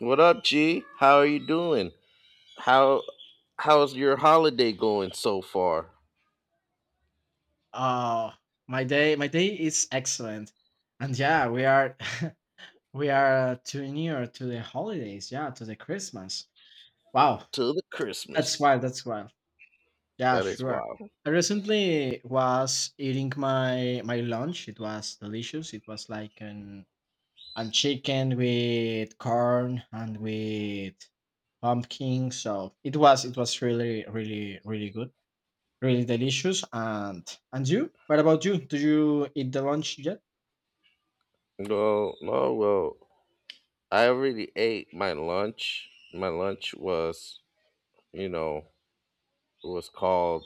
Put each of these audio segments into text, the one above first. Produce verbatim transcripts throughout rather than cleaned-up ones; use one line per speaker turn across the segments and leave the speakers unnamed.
What up, G? How are you doing? How how's your holiday going so far?
Oh, my day, my day is excellent, and yeah, we are, we are too near to the holidays. Yeah, to the Christmas. Wow,
Till the
that's
Christmas.
wild. That's wild. Yeah,
That is
sure.
wild.
I recently was eating my my lunch. It was delicious. It was like an and chicken with corn and with pumpkin. So it was it was really really really good, really delicious. And and you? What about you? Did you eat the lunch yet?
No, no, well, I already ate my lunch. My lunch was, you know, it was called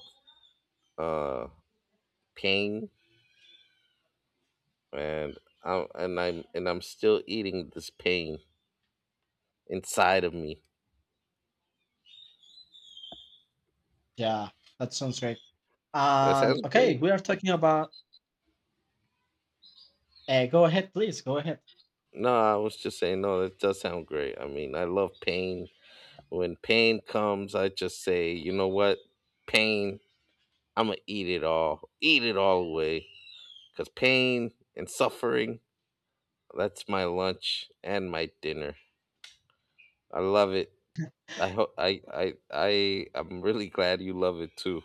uh pain, and I and I'm and I'm still eating this pain inside of me.
Yeah, that sounds great.
That
And
sounds
okay,
great.
we are talking about. Uh, go ahead, please. Go ahead.
No, I was just saying no, that does sound great. I mean, I love pain. When pain comes, I just say, you know what? Pain, I'm going to eat it all. Eat it all away. Because pain and suffering, that's my lunch and my dinner. I love it. I hope I I I I'm really glad you love it too.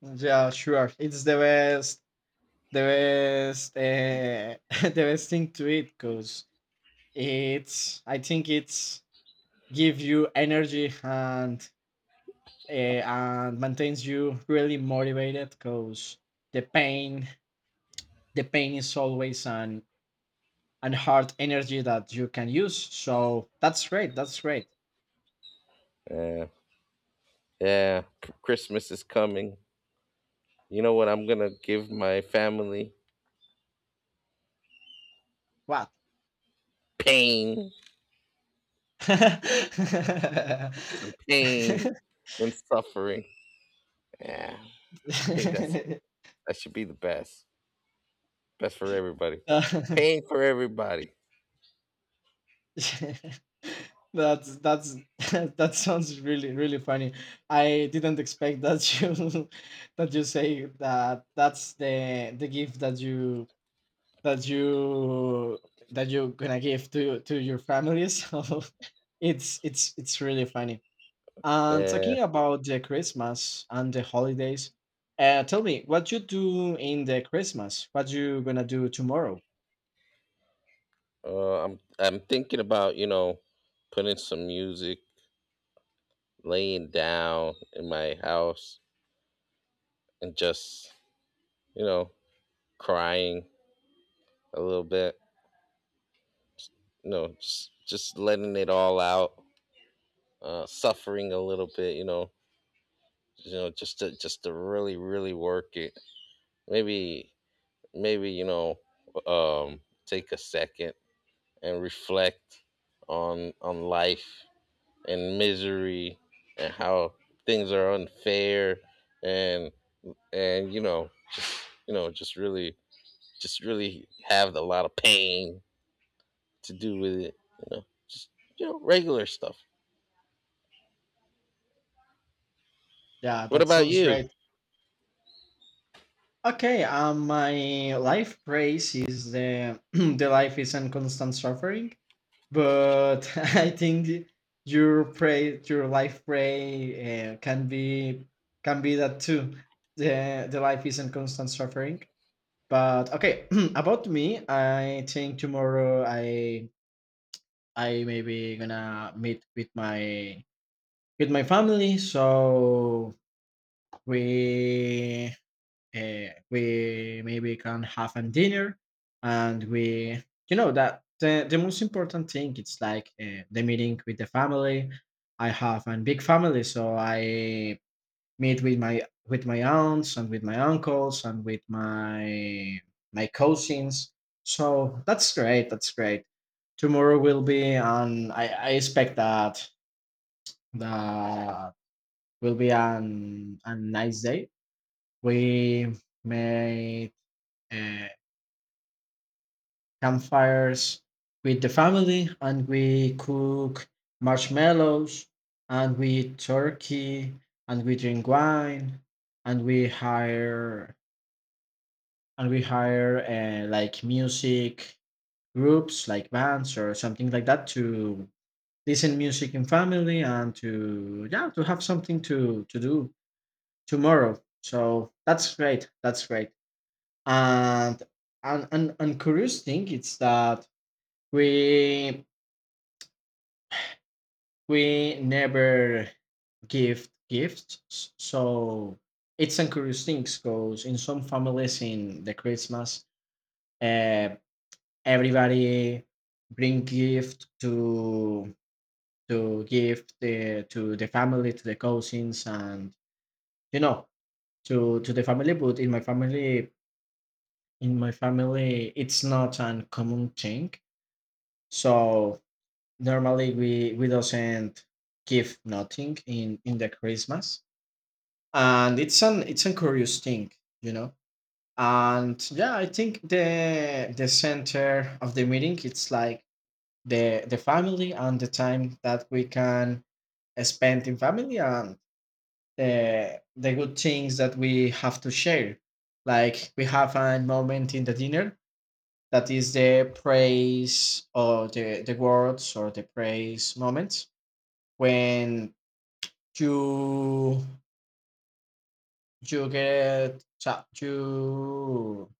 Yeah, sure. It's the best, the best, uh, the best thing to eat because it's. I think it's give you energy and uh, and maintains you really motivated because the pain, the pain is always an and hard energy that you can use. So that's great. That's great.
Yeah, yeah. C- Christmas is coming. You know what? I'm gonna give my family
Wow.
pain, some pain and suffering. Yeah, I think that's that should be the best. Best for everybody. Pain for everybody.
That's that's that sounds really really funny. I didn't expect that you that you say that that's the the gift that you that you that you're gonna give to to your family. So it's it's it's really funny. And
Yeah.
talking about the Christmas and the holidays, uh, tell me what you do in the Christmas. What you gonna do tomorrow?
Uh, I'm I'm thinking about, you know, putting some music, laying down in my house, and just, you know, crying a little bit. You know, just just letting it all out, uh, suffering a little bit, you know. You know, just to just to really, really work it. Maybe maybe, you know, um take a second and reflect on on life and misery and how things are unfair, and and you know, you know just really, just really have a lot of pain to do with it, you know, just, you know, regular stuff.
Yeah,
What
that
about
sounds
you?
great. Okay, um, my life phrase is the the life is a constant suffering, but I think your pray your life pray uh, can be can be that too. The the life is a constant suffering. But okay, about me, I think tomorrow I I maybe gonna meet with my with my family, so we uh, we maybe can have a dinner, and we you know that the, the most important thing it's like uh, the meeting with the family. I have a big family, so I meet with my with my aunts and with my uncles and with my my cousins. So that's great. That's great. Tomorrow will be an I, I expect that that will be an a nice day. We made uh, campfires with the family, and we cook marshmallows, and we eat turkey, and we drink wine, and we hire. And we hire uh, like music groups, like bands or something like that, to listen music in family and to yeah to have something to to do tomorrow. So that's great. That's great. And and and, and curious thing is that we we never give gifts. So it's a curious thing because in some families in the Christmas, uh, everybody bring gift to to give the to the family to the cousins and you know to to the family. But in my family in my family it's not an common thing. So normally we we doesn't give nothing in in the christmas, and it's an it's a curious thing, you know. And yeah, I think the the center of the meeting it's like the the family and the time that we can spend in family and the the good things that we have to share. Like we have a moment in the dinner that is the praise or the, the words or the praise moments when you you get cha- you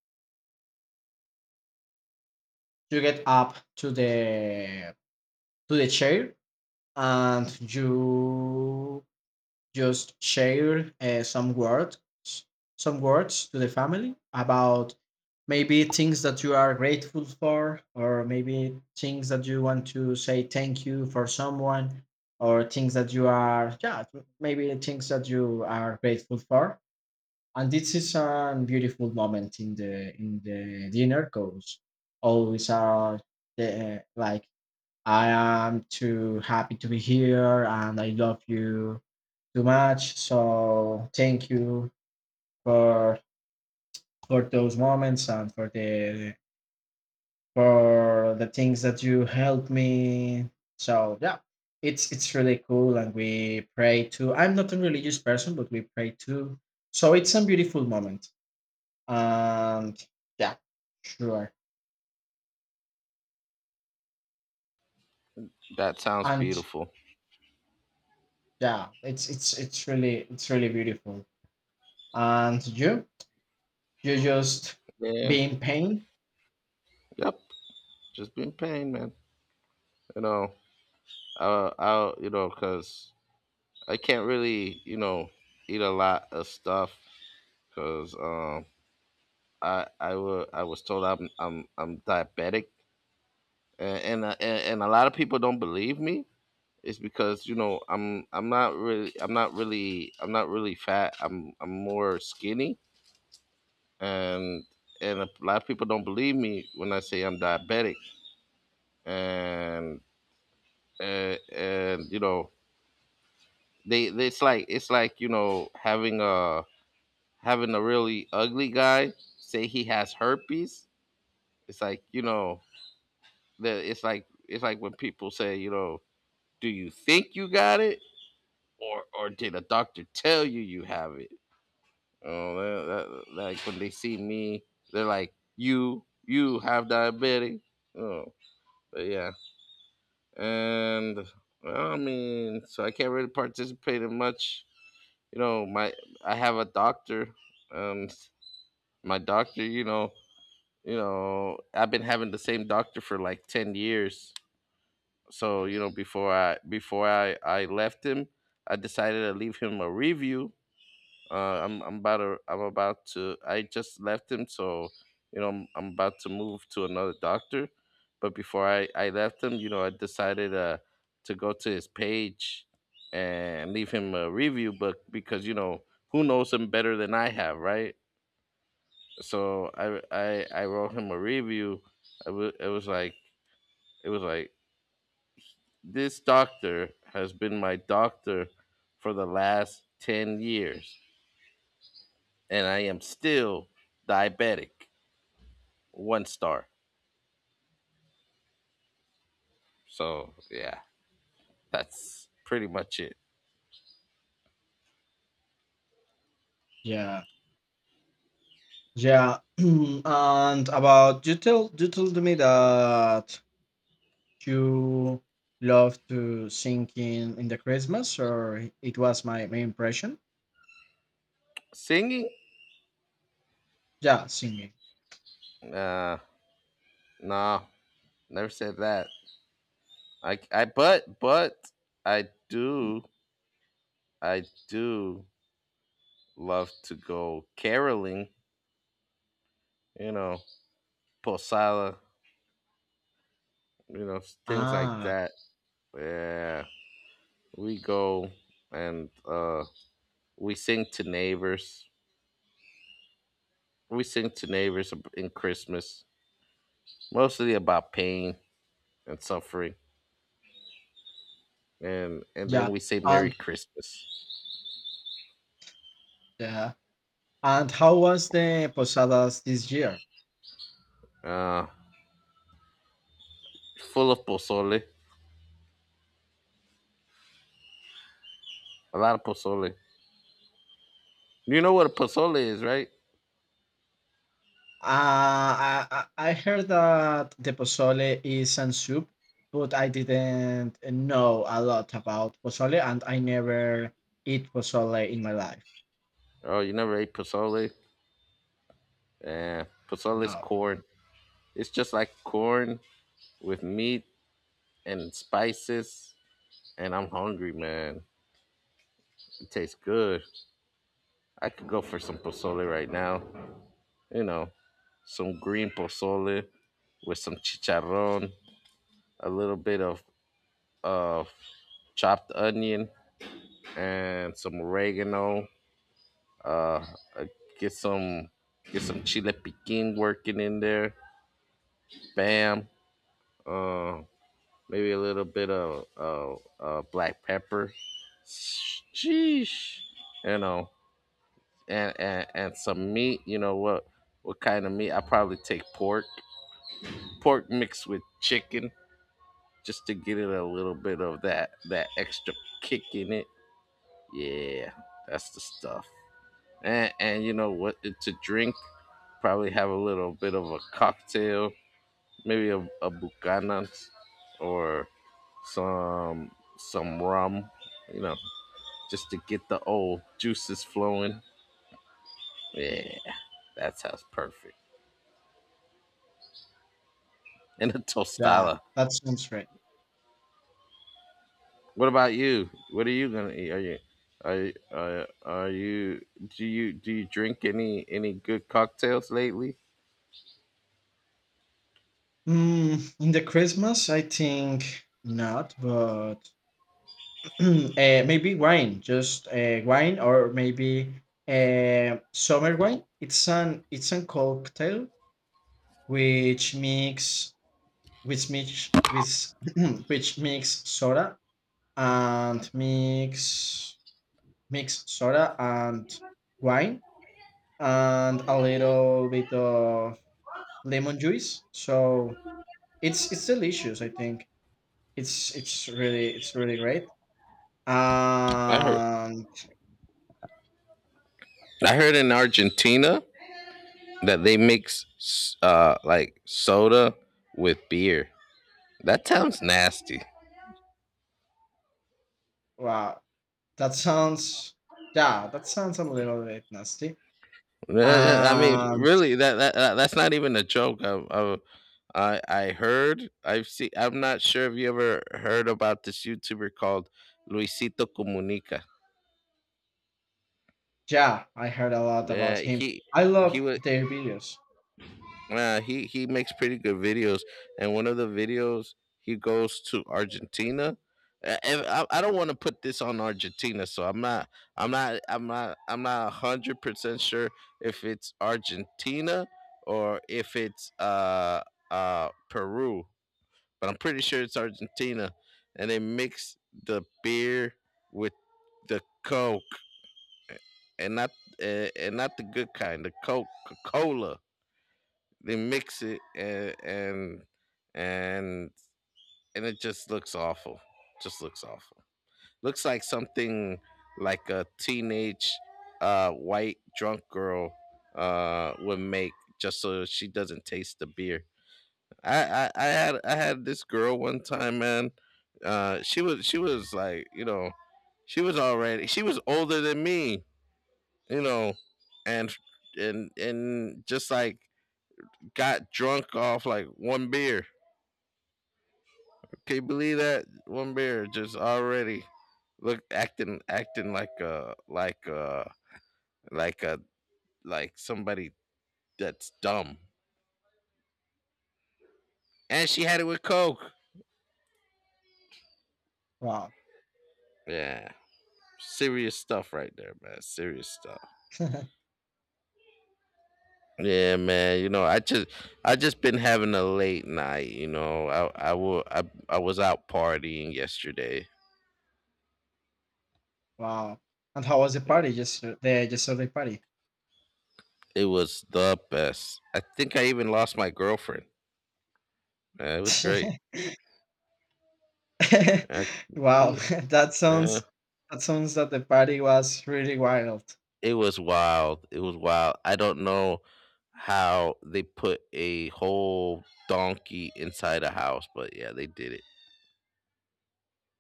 you get up to the to the chair and you just share uh, some words some words to the family about maybe things that you are grateful for or maybe things that you want to say thank you for someone or things that you are yeah maybe things that you are grateful for. And this is a beautiful moment in the in the dinner because always are the like I am too happy to be here and I love you too much. So thank you for for those moments and for the for the things that you helped me. So yeah, it's it's really cool, and we pray too. I'm not a religious person, but we pray too. So it's a beautiful moment, and yeah, sure,
That sounds
and
beautiful.
yeah, it's it's it's really it's really beautiful. And you you just
Yeah.
be in pain.
Yep, just been pain, man. You know, uh I'll, you know, because I can't really, you know, eat a lot of stuff because um I I, wa- I was told I'm I'm I'm diabetic, and and, uh, and and a lot of people don't believe me. It's because, you know, I'm I'm not really I'm not really I'm not really fat. I'm I'm more skinny, and and a lot of people don't believe me when I say I'm diabetic, and uh, and you know, they, they, it's like, it's like you know, having a, having a really ugly guy say he has herpes. It's like, you know, the it's like, it's like when people say, you know, do you think you got it, or or did a doctor tell you you have it? Oh, that, that, like when they see me, they're like, "You, you have diabetes." Oh, but yeah, and well, I mean, so I can't really participate in much. You know, my, I have a doctor, um, my doctor, you know, you know, I've been having the same doctor for like ten years. So you know, before I before I I left him, I decided to leave him a review. Uh, I'm I'm about to I'm about to I just left him, so you know I'm, I'm about to move to another doctor. But before I I left him, you know I decided uh to go to his page and leave him a review, but because you know, who knows him better than I have, right? So I I I wrote him a review. I wa- it was like, it was like this doctor has been my doctor for the last ten years, and I am still diabetic. One star. So yeah, that's pretty much it.
Yeah. Yeah, and about you told you told me that you love to sing in, in the Christmas, or it was my, my impression.
Singing?
Yeah, singing.
Uh, nah, never said that. I, I but but I do, I do love to go caroling. You know, posada. You know, things like
Ah,
that. Yeah, we go, and uh, we sing to neighbors. We sing to neighbors ab- in Christmas, mostly about pain and suffering, and and then
yeah,
we say Merry
and
Christmas.
yeah, and how was the posadas this year?
Uh, Full of pozole, a lot of pozole. You know what a pozole is, right?
Uh, I I I heard that the pozole is a soup, but I didn't know a lot about pozole, and I never eat pozole in my life.
Oh, you never ate pozole? Yeah, pozole is
No.
corn. It's just like corn with meat and spices. And I'm hungry, man. It tastes good. I could go for some pozole right now. You know, some green pozole with some chicharron, a little bit of of chopped onion, and some oregano. Uh, uh, get some, get some chile piquin working in there. Bam. Uh, Maybe a little bit of uh, uh, black pepper. Sheesh. You know, and, and and some meat. You know what? What kind of meat? I probably take pork. Pork mixed with chicken, just to get it a little bit of that that extra kick in it. Yeah, that's the stuff. and and you know what to drink, probably have a little bit of a cocktail, maybe a, a Buchanan's, or some some rum, you know, just to get the old juices flowing. Yeah, that sounds perfect. And a
Yeah,
tostada.
that sounds right.
What about you? What are you gonna eat? Are you are, you- are, are you, do you do you drink any any good cocktails lately?
Mm, in the Christmas, I think not, but uh, maybe wine, just uh, wine, or maybe uh, summer wine. It's an it's a cocktail which mix which mix with which mix soda and mix mix soda and wine and a little bit of lemon juice. So it's it's delicious, I think. It's it's really it's really great.
I heard,
And
i heard in Argentina that they mix s- uh like soda with beer. That sounds nasty.
wow, that sounds yeah, that sounds a little bit nasty.
Uh, uh, I mean,
And
really, that, that that- that's not even a joke. I, I I I heard. I've seen. I'm not sure if you ever heard about this YouTuber called Luisito Comunica.
yeah, I heard a lot about
Yeah,
him.
he
I
he
love
was
their videos.
Uh, he he makes pretty good videos, and one of the videos he goes to Argentina. Uh, and I, I don't want to put this on Argentina, so I'm not I'm not I'm not I'm not a hundred percent sure if it's Argentina, or if it's uh uh Peru, but I'm pretty sure it's Argentina, and they mix the beer with the Coke, and not uh, and not the good kind, the Coca Cola. They mix it, and and and and it just looks awful. Just looks awful. Looks like something like a teenage uh, white drunk girl uh, would make, just so she doesn't taste the beer. I, I, I had I had this girl one time, man. Uh, she was, she was like, you know, she was already, she was older than me, you know, and and and just like got drunk off like one beer. Can you believe that? One bear just already look, acting acting like uh like uh like a, like somebody that's dumb, and she had it with coke.
Wow,
Yeah, serious stuff right there, man. Serious stuff. Yeah, man. You know, I just I just been having a late night. You know, I I will I I was out partying yesterday.
wow. And how was the
Yeah.
party? Just the yesterday party.
It was the best. I think I even lost my girlfriend. Man, it was great. I
Wow,
did,
that
it.
sounds that sounds that the party was really wild.
It was wild. It was wild. I don't know how they put a whole donkey inside a house, but yeah, they did it.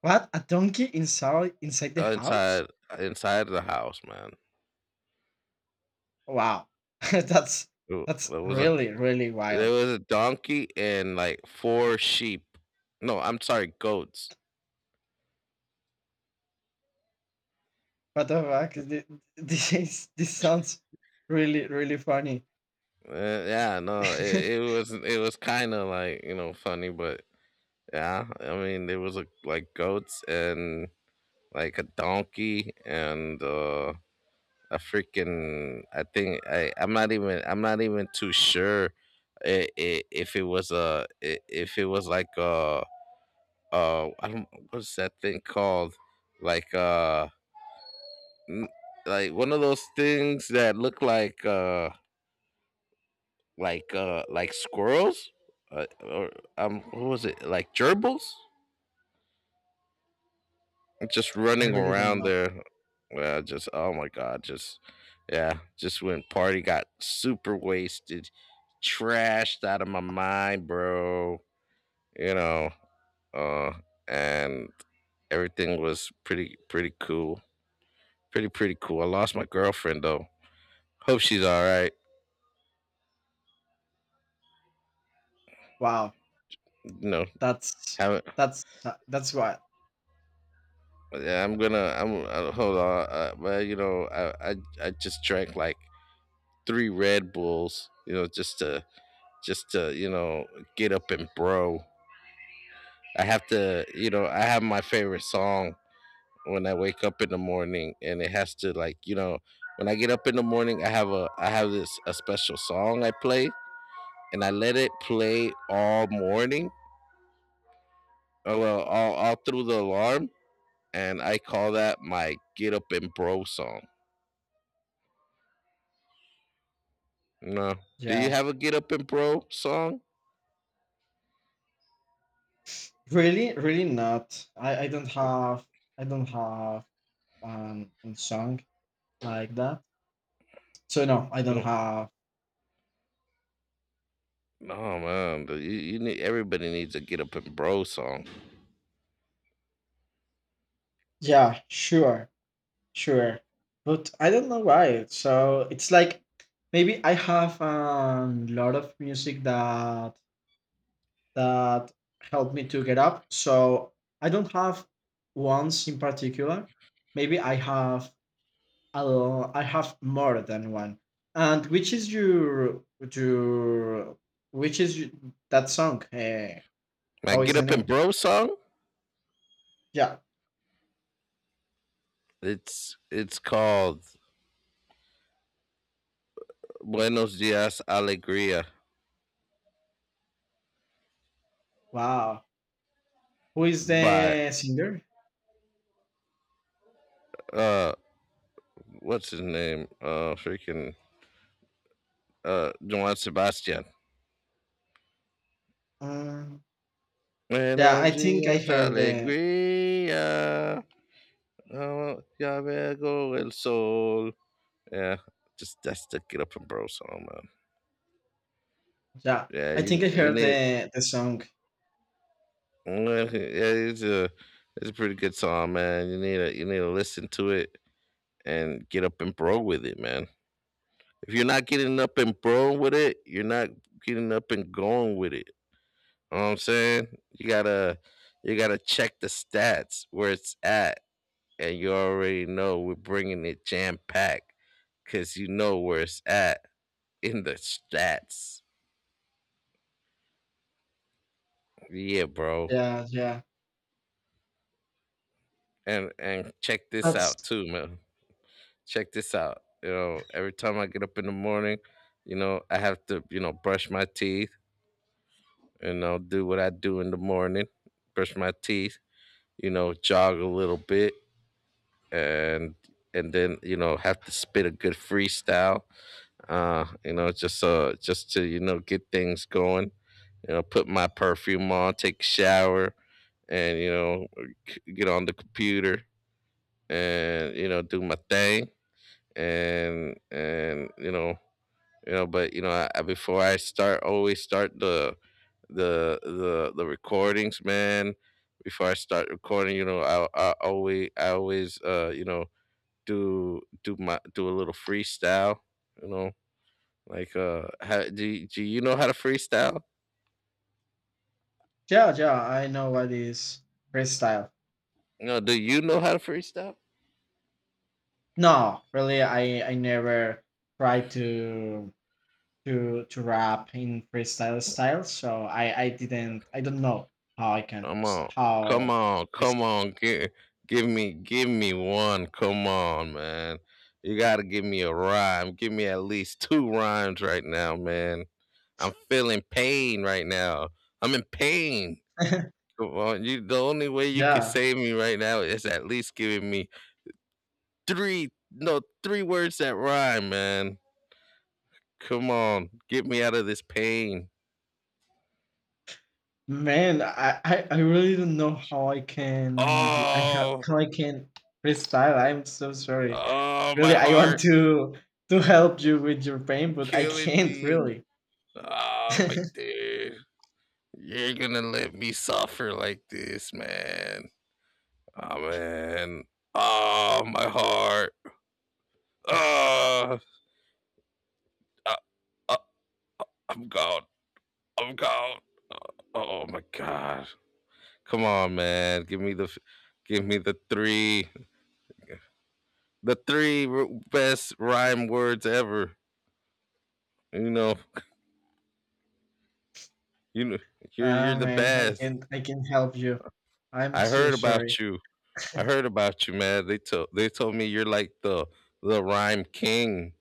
What? A donkey inside inside the
Uh,
house?
inside uh, inside the house, man.
Wow, that's
It
that's
was a
really really
There
wild.
was a donkey and like four sheep. No, I'm sorry, goats.
What the fuck? Th- This is- this sounds really really funny.
Uh, yeah, no, it, it was, it was kind of like, you know, funny, but yeah, I mean, there was a, like goats and like a donkey, and uh a freaking, I think i i'm not even I'm not even too sure i- i- if it was a, i- if it was like uh uh I don't, what's that thing called, like uh n- like one of those things that look like uh like uh like squirrels, uh, or um what was it, like gerbils, just
I
running
really don't
around
know.
there, uh, just, oh my god, just, yeah, just went party, got super wasted, trashed out of my mind, bro. You know, uh, and everything was pretty pretty cool, pretty pretty cool. I lost my girlfriend though. Hope she's all right.
Wow,
You know,
that's
haven't.
that's that's wild.
Yeah, I'm gonna. I'm uh, Hold on. Uh, but you know, I, I I just drank like three Red Bulls. You know, just to, just to, you know, get up and bro. I have to, you know, I have my favorite song when I wake up in the morning, and it has to like, you know, when I get up in the morning, I have a I have this a special song I play, and I let it play all morning, oh, well, all all through the alarm, and I call that my get up and bro song. No, do you
Yeah,
have a get up and bro song?
really really not. I I don't have I don't have um, a song like that. So no, I don't
Don't.
have.
No man, you, you need, everybody needs a get up and bro song.
Yeah, sure. Sure. But I don't know why. So it's like maybe I have a lot of music that that helped me to get up. So I don't have ones in particular. Maybe I have a lo- I have more than one. And which is your your which is y- that song? Eh,
My
how is
get
the
up and
name?
bro song,
Yeah.
it's it's called Buenos Dias Alegria,
Wow. Who is
by
the singer?
uh what's his name? Uh freaking uh Juan Sebastian.
Um, yeah,
Buenos
I think I
Dias
heard the.
Alegria. Oh, ya veo el sol. Yeah, just that's the get up and bro song, man.
Yeah,
Yeah,
I
you
think I
you
heard
need.
the the song.
Mm, yeah, it's a, it's a pretty good song, man. You need to, you need to listen to it and get up and bro with it, man. If you're not getting up and bro with it, you're not getting up and going with it. You know what I'm saying? You gotta you gotta check the stats where it's at, and you already know we're bringing it jam packed, because you know where it's at in the stats. Yeah, bro.
Yeah, yeah.
And and check this out
That's
too, man. Check this out. You know, every time I get up in the morning, you know, I have to, you know, brush my teeth, you know, do what I do in the morning, brush my teeth, you know, jog a little bit and and then, you know, have to spit a good freestyle. Uh, you know, just uh just to, you know, get things going. You know, put my perfume on, take a shower and you know, c- get on the computer and you know, do my thing and and you know, you know but you know I, I- before i start always start the the the the recordings man before i start recording you know i, I always i always uh you know do do my do a little freestyle you know like uh how, do, do you know how to freestyle?
yeah, yeah. I know what is freestyle.
No, do you know how to freestyle?
No, really, I I never tried to to to rap in freestyle style. So I I didn't. I don't know how I can
come on
freestyle.
come
How
on come on, give, give me, give me one, come on, man. You gotta give me a rhyme, give me at least two rhymes right now, man. I'm feeling pain right now. I'm in pain.
freestyle?
Come on, you. The only way you can
Yeah.
save me right now is at least giving me three, no, three words that rhyme, man. Come on, get me out of this pain.
Man, I, I, I really don't know how I can d- I ha-
Oh,
how I can freestyle. I'm so sorry.
oh, my
Really, I want
heart
to to help you with your pain, but I
killing
can't
me.
really.
Oh, my dear, you're gonna let me suffer like this, man. Oh man. Oh, my heart. Oh, I, I, I'm gone. I'm gone. Oh my gosh. Come on, man. Give me the f- give me the three, the three r- best rhyme words ever. You know, you know you're you're
Ah
the
man, I
best.
can I can help you. I'm
I
so
heard
sorry.
about you. I heard about you, man. They told they told me you're like the the rhyme king.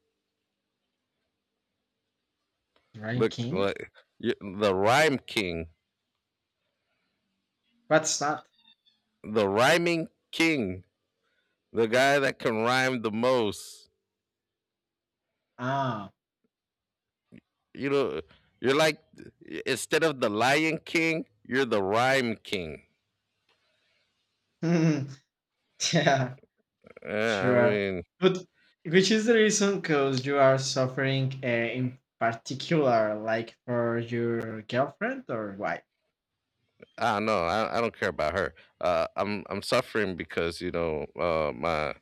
Look
Ranking?
like you're the rhyme king.
What's that?
The rhyming king. The guy that can rhyme the most.
Ah,
You know, you're like, instead of the lion king, you're the rhyme king.
yeah,
Yeah, I
sure.
mean,
But which is the reason? Cause you are suffering uh, in particular, like for your girlfriend or why?
I don't know. I, I don't care about her. Uh, I'm I'm suffering because you know uh, my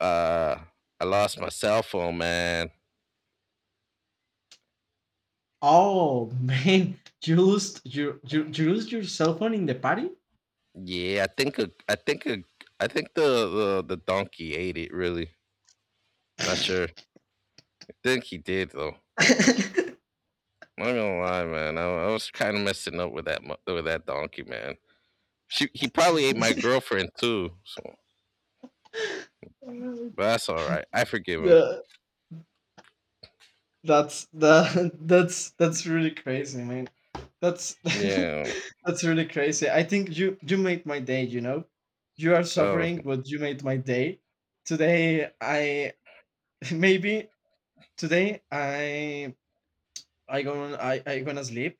uh, I lost my cell phone, man.
Oh man, you lost you you, you lost your cell phone in the party?
Yeah, I think a, I think a, I think the, the the donkey ate it. Really, not sure. I think he did though. I'm not gonna lie, man. I, I was kind of messing up with that mo- with that donkey, man. She he probably ate my girlfriend too. So,
Uh,
but that's all right. I forgive him.
the- that's the that's that's really crazy, man. That's
Yeah.
that's really crazy. I think you you made my day. You know, you are
Oh,
suffering, but you made my day. Today, I maybe today I I gonna I I gonna sleep,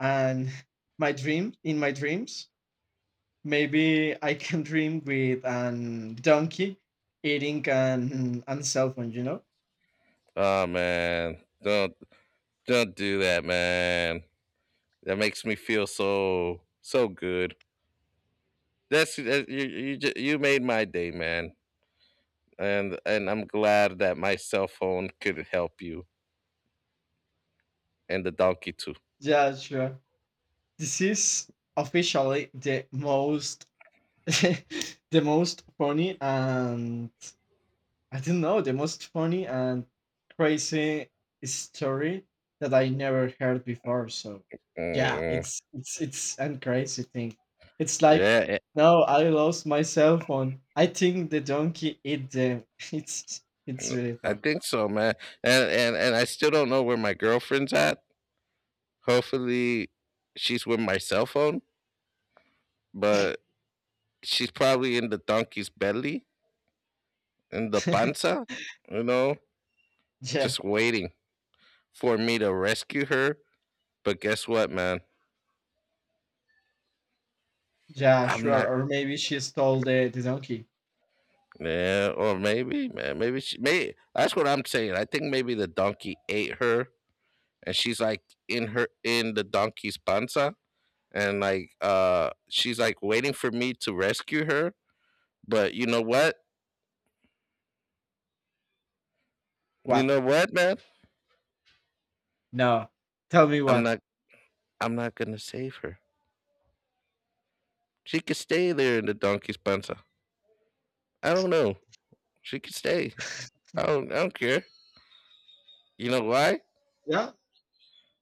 and my dream in my dreams. Maybe I can dream with an donkey eating an and cell phone, you know?
oh man. Don't Don't do that, man. That makes me feel so so good. That's that, you you ju- you made my day, man. And and I'm glad that my cell phone could help you and the donkey too.
Yeah, sure. This is officially the most the most funny and I don't know, the most funny and crazy story that I never heard before. So yeah,
Mm,
it's it's it's and crazy thing. It's like
yeah,
no, I lost my cell phone. I think the donkey ate them. It's it's
eh,
really
I
fun.
think so, man. And and and I still don't know where my girlfriend's at. Hopefully, she's with my cell phone, but she's probably in the donkey's belly, in the panza, you know,
Yeah,
just waiting for me to rescue her. But guess what, man?
yeah,
I'm
sure.
not.
Or maybe she stole the, the donkey.
Yeah, or maybe, man. Maybe she. May that's what I'm saying. I think maybe the donkey ate her, and she's like in her in the donkey's panza, and like uh, she's like waiting for me to rescue her. But you know what? You
What?
know what, man?
No. Tell me
I'm
what.
not. I'm not gonna save her. She could stay there in the donkey's panza. I don't know. She could stay. I don't. I don't care. You know why?
Yeah?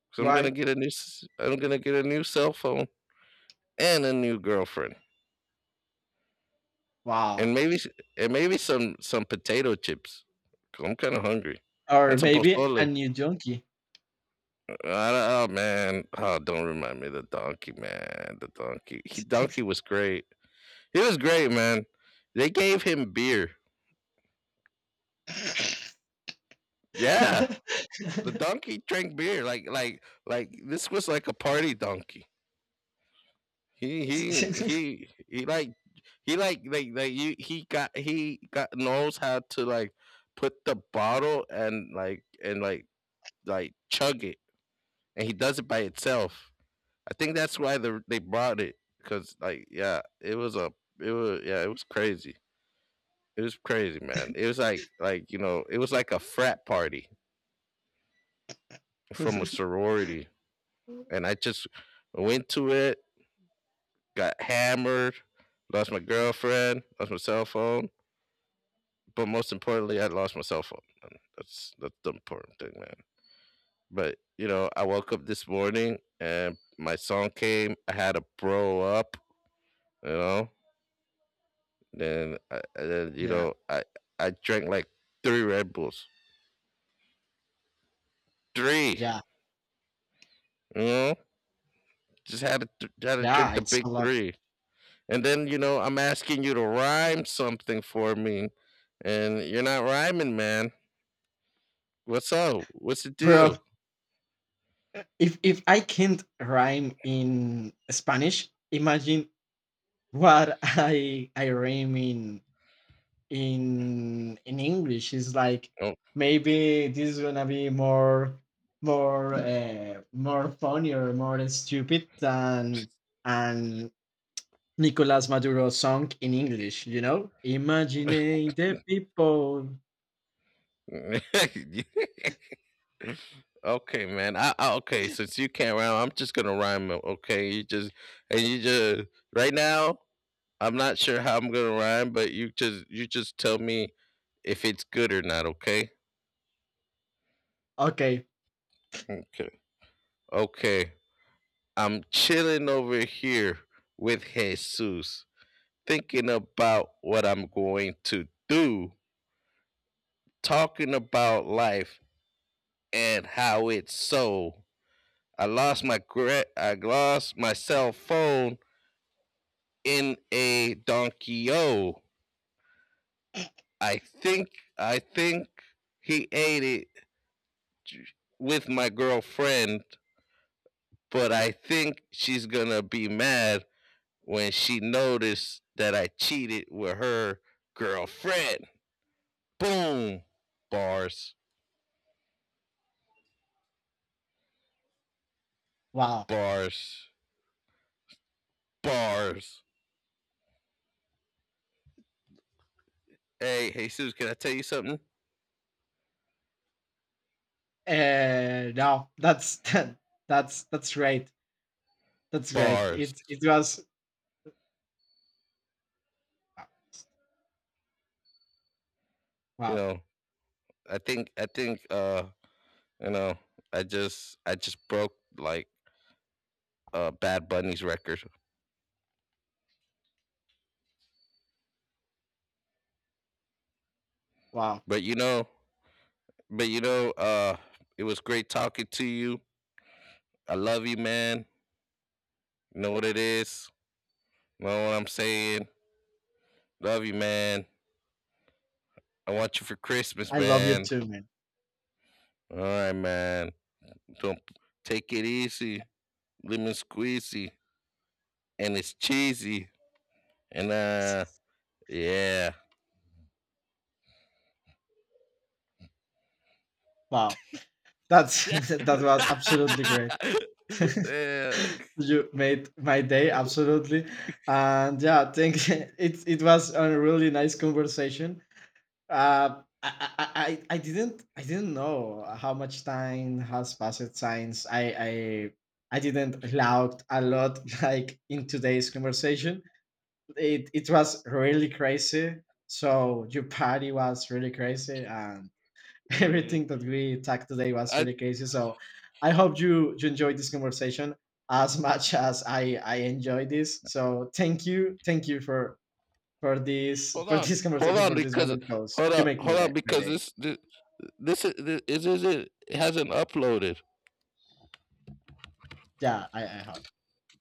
Because I'm gonna
Why?
get a new. s- I'm gonna get a new cell phone and a new girlfriend.
Wow.
and maybe s- and maybe some some potato chips. 'Cause I'm kind of hungry.
Or
And some
maybe a
pozole.
new donkey.
Uh, oh man! Oh, don't remind me of the donkey man. The donkey. He donkey was great. He was great, man. They gave him beer. Yeah, the donkey drank beer. Like like like this was like a party donkey. He he he he like he like like like you he got he got knows how to like put the bottle and like and like like chug it and he does it by itself. I think that's why the, they brought it because like yeah, it was a it was, yeah, it was crazy. It was crazy, man. It was like like you know, it was like a frat party from a sorority, and I just went to it, got hammered, lost my girlfriend, lost my cell phone, but most importantly, I lost my cell phone, man. That's that's the important thing, man. But you know, I woke up this morning and my song came. I had to bro up, you know, then, I, I- then you
Yeah,
know, I I drank like three Red Bulls, three.
yeah,
You know, just had to th- had to drink
yeah,
the
it's a
big
lot.
three. And then you know, I'm asking you to rhyme something for me, and you're not rhyming, man. What's up? What's the
Bro,
deal?
if if I can't rhyme in Spanish, imagine what I I rhyme in in in English. It's like
Oh.
maybe this is gonna be more more uh, more funny or more stupid than an Nicolas Maduro song in English, you know? Imagine the people.
Okay, man. I, I okay. Since you can't rhyme, I'm just gonna rhyme. uh, Okay, you just and you just right now. I'm not sure how I'm gonna rhyme, but you just you just tell me if it's good or not, okay?
Okay,
Okay. Okay. I'm chilling over here with Jesus, thinking about what I'm going to do, talking about life and how it's so. I lost my gra- I lost my cell phone in a donkey o. I think I think he ate it with my girlfriend but I think she's gonna be mad when she noticed that I cheated with her girlfriend. Boom. Bars,
wow.
bars, bars. Hey, hey, Sue, can I tell you something?
Uh, no, that's that's that's great. That's great.
Bars.
It it was
You
wow,
know, I think, I think, uh, you know, I just, I just broke like uh Bad Bunny's record.
wow.
But you know, but you know, uh, it was great talking to you. I love you, man. You know what it is. Know what I'm saying? Love you, man. I want you for Christmas,
I love you
man.
too, man.
All right, man. Don't take it easy. Lemon squeezy. And it's cheesy. And uh yeah.
Wow, that's that was absolutely great.
Yeah.
You made my day absolutely, and yeah, thank it. It was a really nice conversation. Uh, I, I I I didn't I didn't know how much time has passed since I I I didn't loud a lot like in today's conversation. it it was really crazy. So your party was really crazy, and
Mm.
everything that we talked today was
I
really crazy. So I hope you you enjoyed this conversation as much as I I enjoy this. So thank you, thank you for for this
hold
for
on.
this
Hold
conversation
on
for this
because
moment because
hold
you
on.
make me
Hold
day
on
my
because
day.
this this this, this, this, is it hasn't uploaded.
Yeah, I I hope.